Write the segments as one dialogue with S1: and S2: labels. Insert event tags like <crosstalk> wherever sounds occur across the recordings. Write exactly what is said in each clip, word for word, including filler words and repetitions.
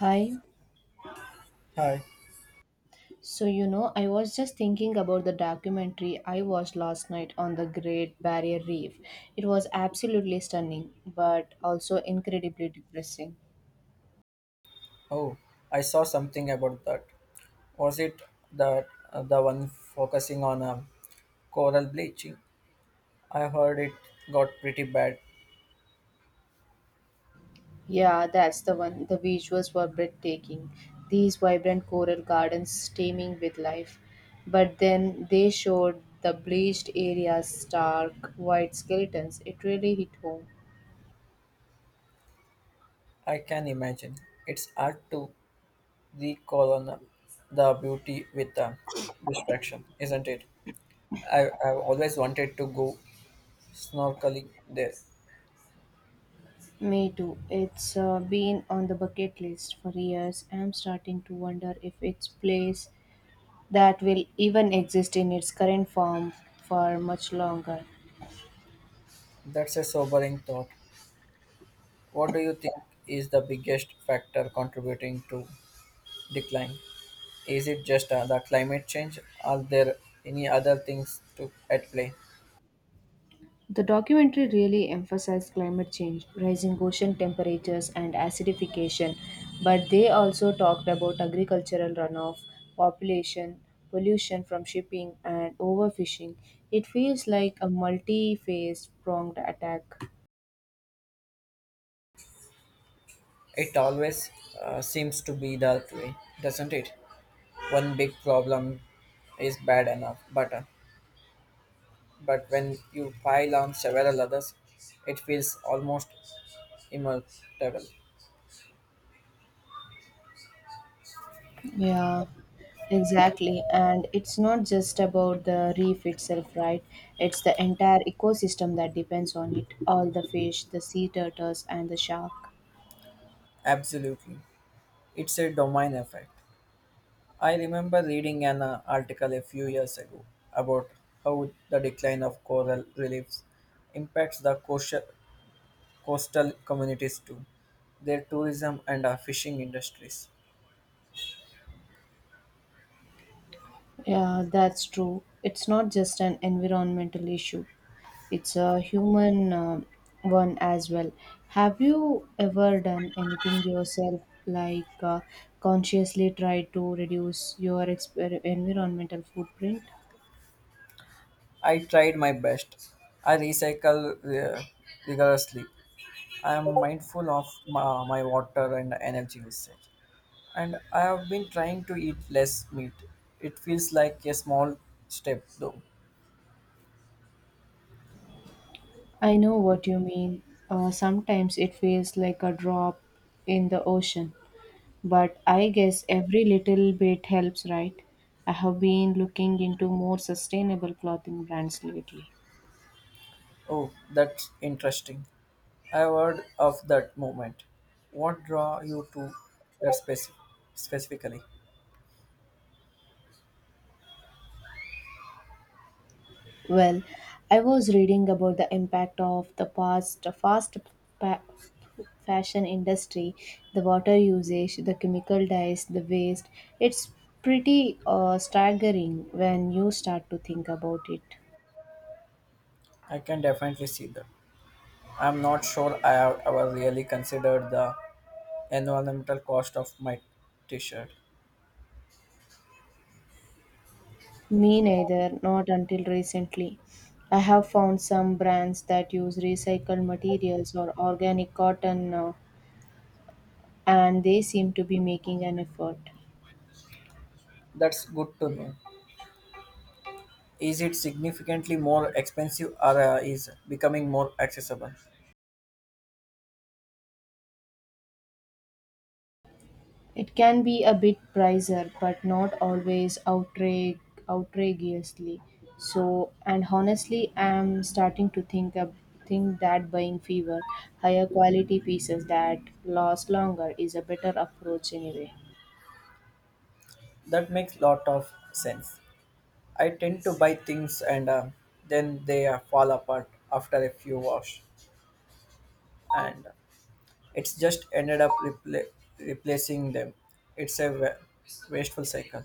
S1: Hi.
S2: Hi.
S1: So, you know, I was just thinking about the documentary I watched last night on the Great Barrier Reef. It was absolutely stunning, but also incredibly depressing.
S2: Oh, I saw something about that. Was it that uh, the one focusing on um, coral bleaching? I heard it got pretty bad.
S1: Yeah, that's the one. The visuals were breathtaking. These vibrant coral gardens steaming with life. But then they showed the bleached areas, stark white skeletons. It really hit home.
S2: I can imagine. It's hard to recolonize the beauty with um, distraction, isn't it? I, I've always wanted to go snorkeling there.
S1: Me too. It's uh, been on the bucket list for years. I'm starting to wonder if it's place that will even exist in its current form for much longer.
S2: That's a sobering thought. What do you think is the biggest factor contributing to decline? Is it just uh, the climate change? Are there any other things to at play?
S1: The documentary really emphasized climate change, rising ocean temperatures, and acidification, but they also talked about agricultural runoff, population, pollution from shipping, and overfishing. It feels like a multi phase pronged attack.
S2: It always uh, seems to be that way, doesn't it? One big problem is bad enough, but uh, but when you pile on several others, it feels almost immortable.
S1: Yeah, exactly. And it's not just about the reef itself, right? It's the entire ecosystem that depends on it. All the fish, the sea turtles, and the shark.
S2: Absolutely, it's a domain effect. I remember reading an uh, article a few years ago about how the decline of coral reefs impacts the coastal coastal communities too, their tourism and uh, fishing industries.
S1: Yeah, that's true. It's not just an environmental issue, it's a human um one as well. Have you ever done anything yourself, like uh, consciously tried to reduce your exper- environmental footprint?
S2: I tried my best. I recycle uh, rigorously. I am mindful of my, my water and energy usage. And I have been trying to eat less meat. It feels like a small step though.
S1: I know what you mean. Uh, sometimes it feels like a drop in the ocean, but I guess every little bit helps, right? I have been looking into more sustainable clothing brands lately.
S2: Oh, that's interesting. I heard of that movement. What draw you to that speci- specifically?
S1: Well, I was reading about the impact of the past fast pa- fashion industry, the water usage, the chemical dyes, the waste. It's pretty uh, staggering when you start to think about it.
S2: I can definitely see that. I'm not sure I have ever really considered the environmental cost of my t shirt.
S1: Me neither, not until recently. I have found some brands that use recycled materials or organic cotton now, and they seem to be making an effort.
S2: That's good to know. Is it significantly more expensive or uh, is becoming more accessible?
S1: It can be a bit pricier, but not always outrage, outrageously. So, and honestly, I'm starting to think ab- think that buying fewer, higher quality pieces that last longer is a better approach anyway.
S2: That makes lot of sense. I tend to buy things and uh, then they uh, fall apart after a few wash and it's just ended up repla- replacing them. It's a wa- wasteful cycle.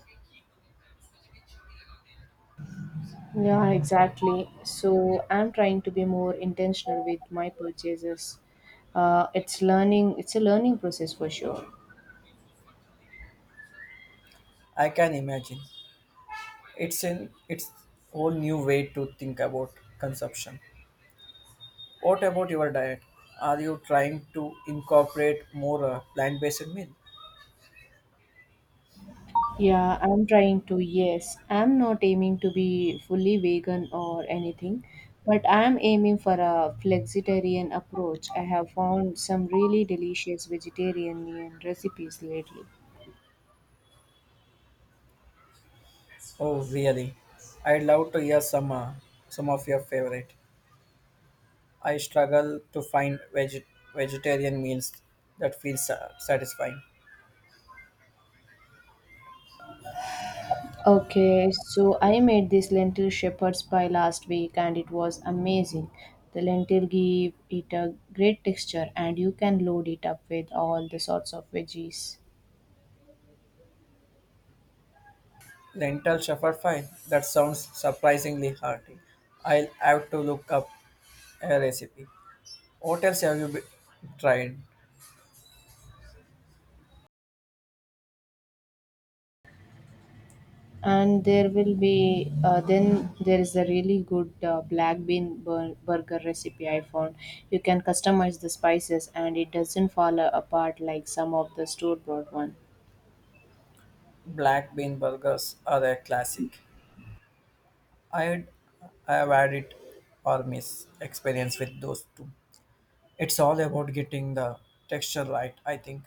S1: Yeah, exactly. So I'm trying to be more intentional with my purchases. Uh, it's learning. It's a learning process for sure.
S2: I can imagine. It's an it's whole new way to think about consumption. What about your diet? Are you trying to incorporate more uh, plant-based meal?
S1: Yeah, I'm trying to. Yes, I'm not aiming to be fully vegan or anything, but I'm aiming for a flexitarian approach. I have found some really delicious vegetarian recipes lately.
S2: Oh, really? I'd love to hear some uh, some of your favorite. I struggle to find veg- vegetarian meals that feel sa- satisfying.
S1: Okay, so I made this lentil shepherd's pie last week and it was amazing. The lentil give it a great texture and you can load it up with all the sorts of veggies.
S2: Lentil shepherd fry. That sounds surprisingly hearty. I'll have to look up a recipe. What else have you be- tried?
S1: And there will be uh, then there is a really good uh, black bean bur- burger recipe I found. You can customize the spices and it doesn't fall apart like some of the store bought one.
S2: Black bean burgers are a classic. I'd, I have had it or miss experience with those two. It's all about getting the texture right, I think.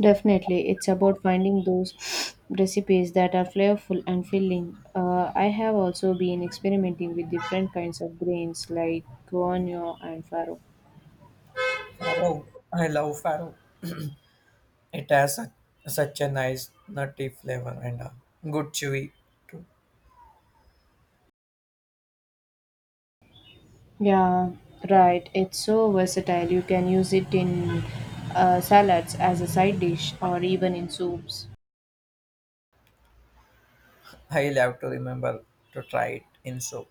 S1: Definitely, it's about finding those <sniffs> recipes that are flavorful and filling. Uh, I have also been experimenting with different kinds of grains like guano and farro.
S2: Farro, I love farro. It has a, Such a nice nutty flavor and a good chewy too.
S1: Yeah, right. It's so versatile. You can use it in uh, salads as a side dish or even in soups.
S2: I'll have to remember to try it in soup.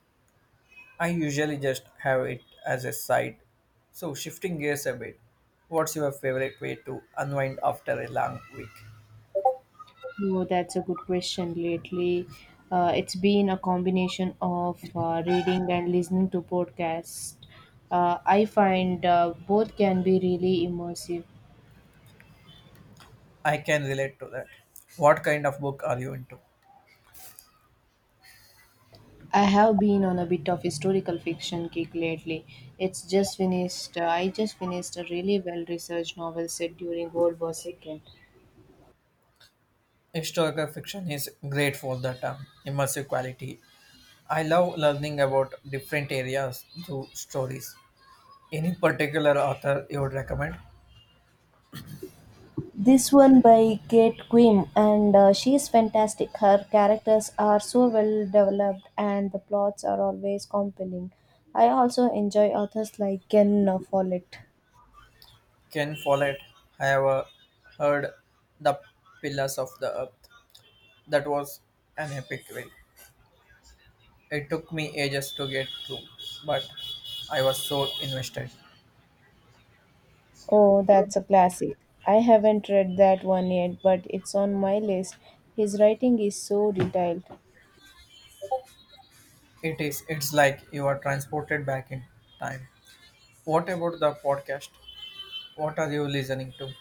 S2: I usually just have it as a side. So shifting gears a bit, what's your favorite way to unwind after a long week?
S1: Oh, that's a good question. Lately, uh, it's been a combination of uh, reading and listening to podcasts. Uh, I find uh, both can be really immersive.
S2: I can relate to that. What kind of book are you into?
S1: I have been on a bit of historical fiction kick lately. It's just finished. Uh, I just finished a really well-researched novel set during World War two.
S2: Historical fiction is great for that um, immersive quality. I love learning about different areas through stories. Any particular author you would recommend?
S1: This one by Kate Quinn, and uh, she is fantastic. Her characters are so well developed, and the plots are always compelling. I also enjoy authors like Ken Follett.
S2: Ken Follett. I have uh, heard The Pillars of the Earth. That was an epic read. It took me ages to get through, but I was so invested.
S1: Oh, that's a classic. I haven't read that one yet, but it's on my list. His writing is so detailed.
S2: It is. It's like you are transported back in time. What about the podcast? What are you listening to?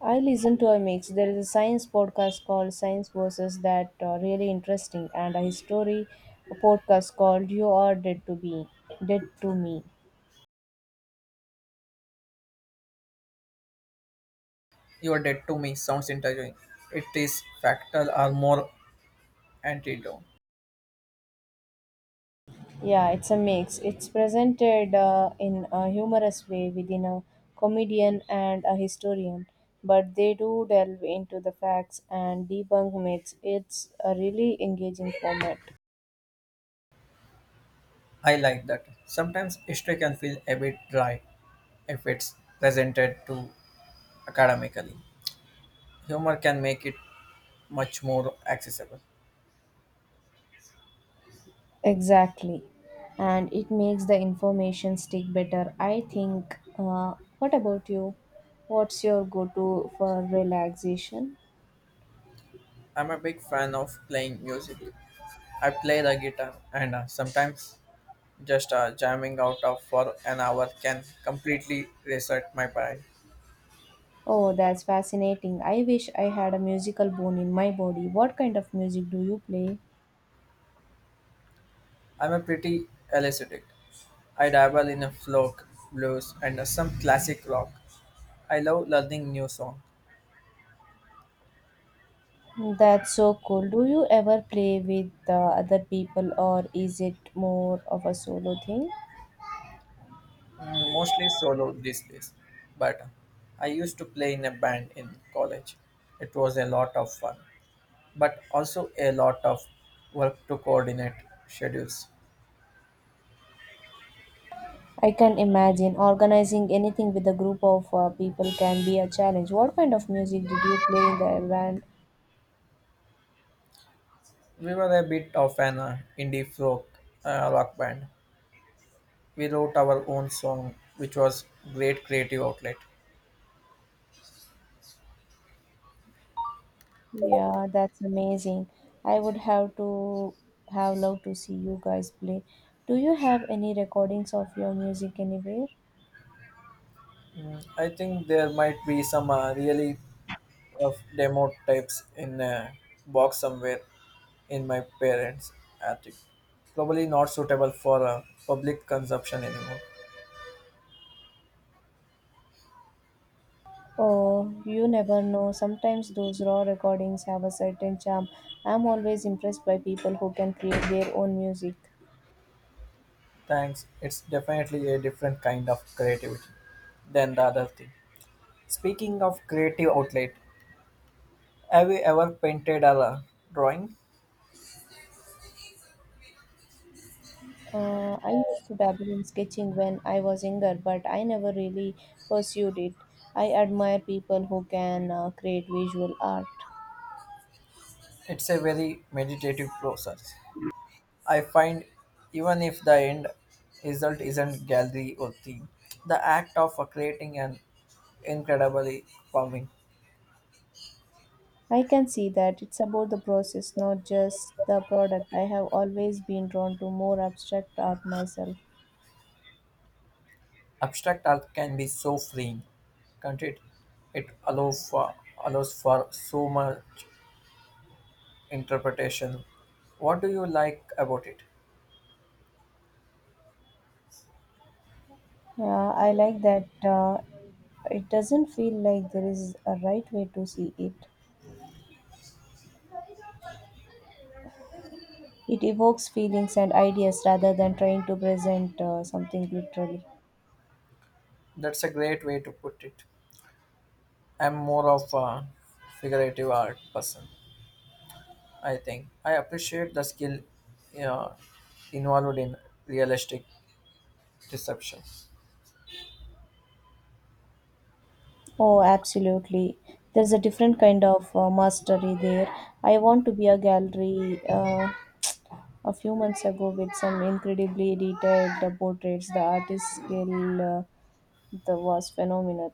S1: I listen to a mix. There is a science podcast called Science Versus that uh, really interesting, and a history podcast called You Are Dead to Be Dead to Me.
S2: You're dead to me sounds interviewing. It is factual or more antidote.
S1: Yeah, it's a mix. It's presented uh, in a humorous way within a comedian and a historian, but they do delve into the facts and debunk myths. It's a really engaging format.
S2: I like that. Sometimes history can feel a bit dry if it's presented to academically. Humor can make it much more accessible.
S1: Exactly. And it makes the information stick better. I think, uh, what about you? What's your go to for relaxation?
S2: I'm a big fan of playing music. I play the guitar and uh, sometimes just uh, jamming out of for an hour can completely reset my brain.
S1: Oh, that's fascinating. I wish I had a musical bone in my body. What kind of music do you play?
S2: I'm a pretty eclectic. I dabble in a folk, blues, and some classic rock. I love learning new songs.
S1: That's so cool. Do you ever play with uh, other people or is it more of a solo thing?
S2: Mm, mostly solo these days. But I used to play in a band in college. It was a lot of fun, but also a lot of work to coordinate schedules.
S1: I can imagine organizing anything with a group of uh, people can be a challenge. What kind of music did you play in the band?
S2: We were a bit of an uh, indie folk uh, rock band. We wrote our own song, which was great creative outlet.
S1: Yeah, that's amazing. I would have to have loved to see you guys play. Do you have any recordings of your music anywhere?
S2: Mm, I think there might be some uh, really of demo tapes in a box somewhere in my parents' attic. Probably not suitable for uh, public consumption anymore.
S1: Oh, you never know. Sometimes those raw recordings have a certain charm. I'm always impressed by people who can create their own music.
S2: Thanks. It's definitely a different kind of creativity than the other thing. Speaking of creative outlet, have you ever painted or uh, drawing?
S1: Uh, I used to dabble in sketching when I was younger, but I never really pursued it. I admire people who can uh, create visual art.
S2: It's a very meditative process. I find even if the end result isn't gallery or theme, the act of uh, creating an incredibly calming.
S1: I can see that it's about the process, not just the product. I have always been drawn to more abstract art myself.
S2: Abstract art can be so freeing, can't it? It allows for, Allows for so much interpretation. What do you like about it?
S1: Yeah, I like that uh, it doesn't feel like there is a right way to see it. It evokes feelings and ideas rather than trying to present uh, something literally.
S2: That's a great way to put it. I'm more of a figurative art person, I think. I appreciate the skill uh, involved in realistic deception.
S1: Oh, absolutely. There's a different kind of uh, mastery there. I want to be a gallery. Uh, a few months ago, with some incredibly detailed uh, portraits, the artist's skill uh, that was phenomenal.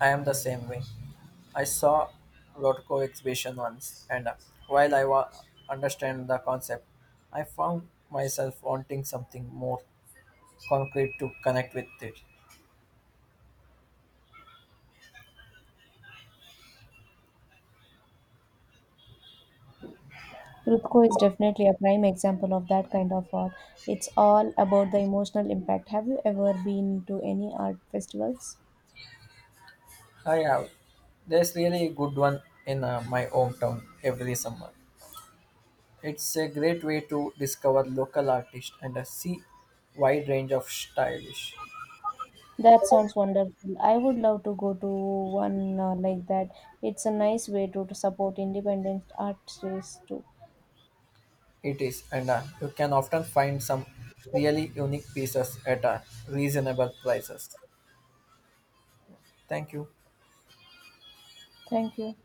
S2: I am the same way. I saw Rothko exhibition once, and uh, while I wa- understand the concept, I found myself wanting something more concrete to connect with it.
S1: Rutko is definitely a prime example of that kind of art. It's all about the emotional impact. Have you ever been to any art festivals?
S2: I have. There's really a good one in uh, my hometown every summer. It's a great way to discover local artists and uh, see wide range of stylish.
S1: That sounds wonderful. I would love to go to one uh, like that. It's a nice way to, to support independent artists too.
S2: It is, and uh, you can often find some really unique pieces at uh, reasonable prices. Thank you.
S1: Thank you.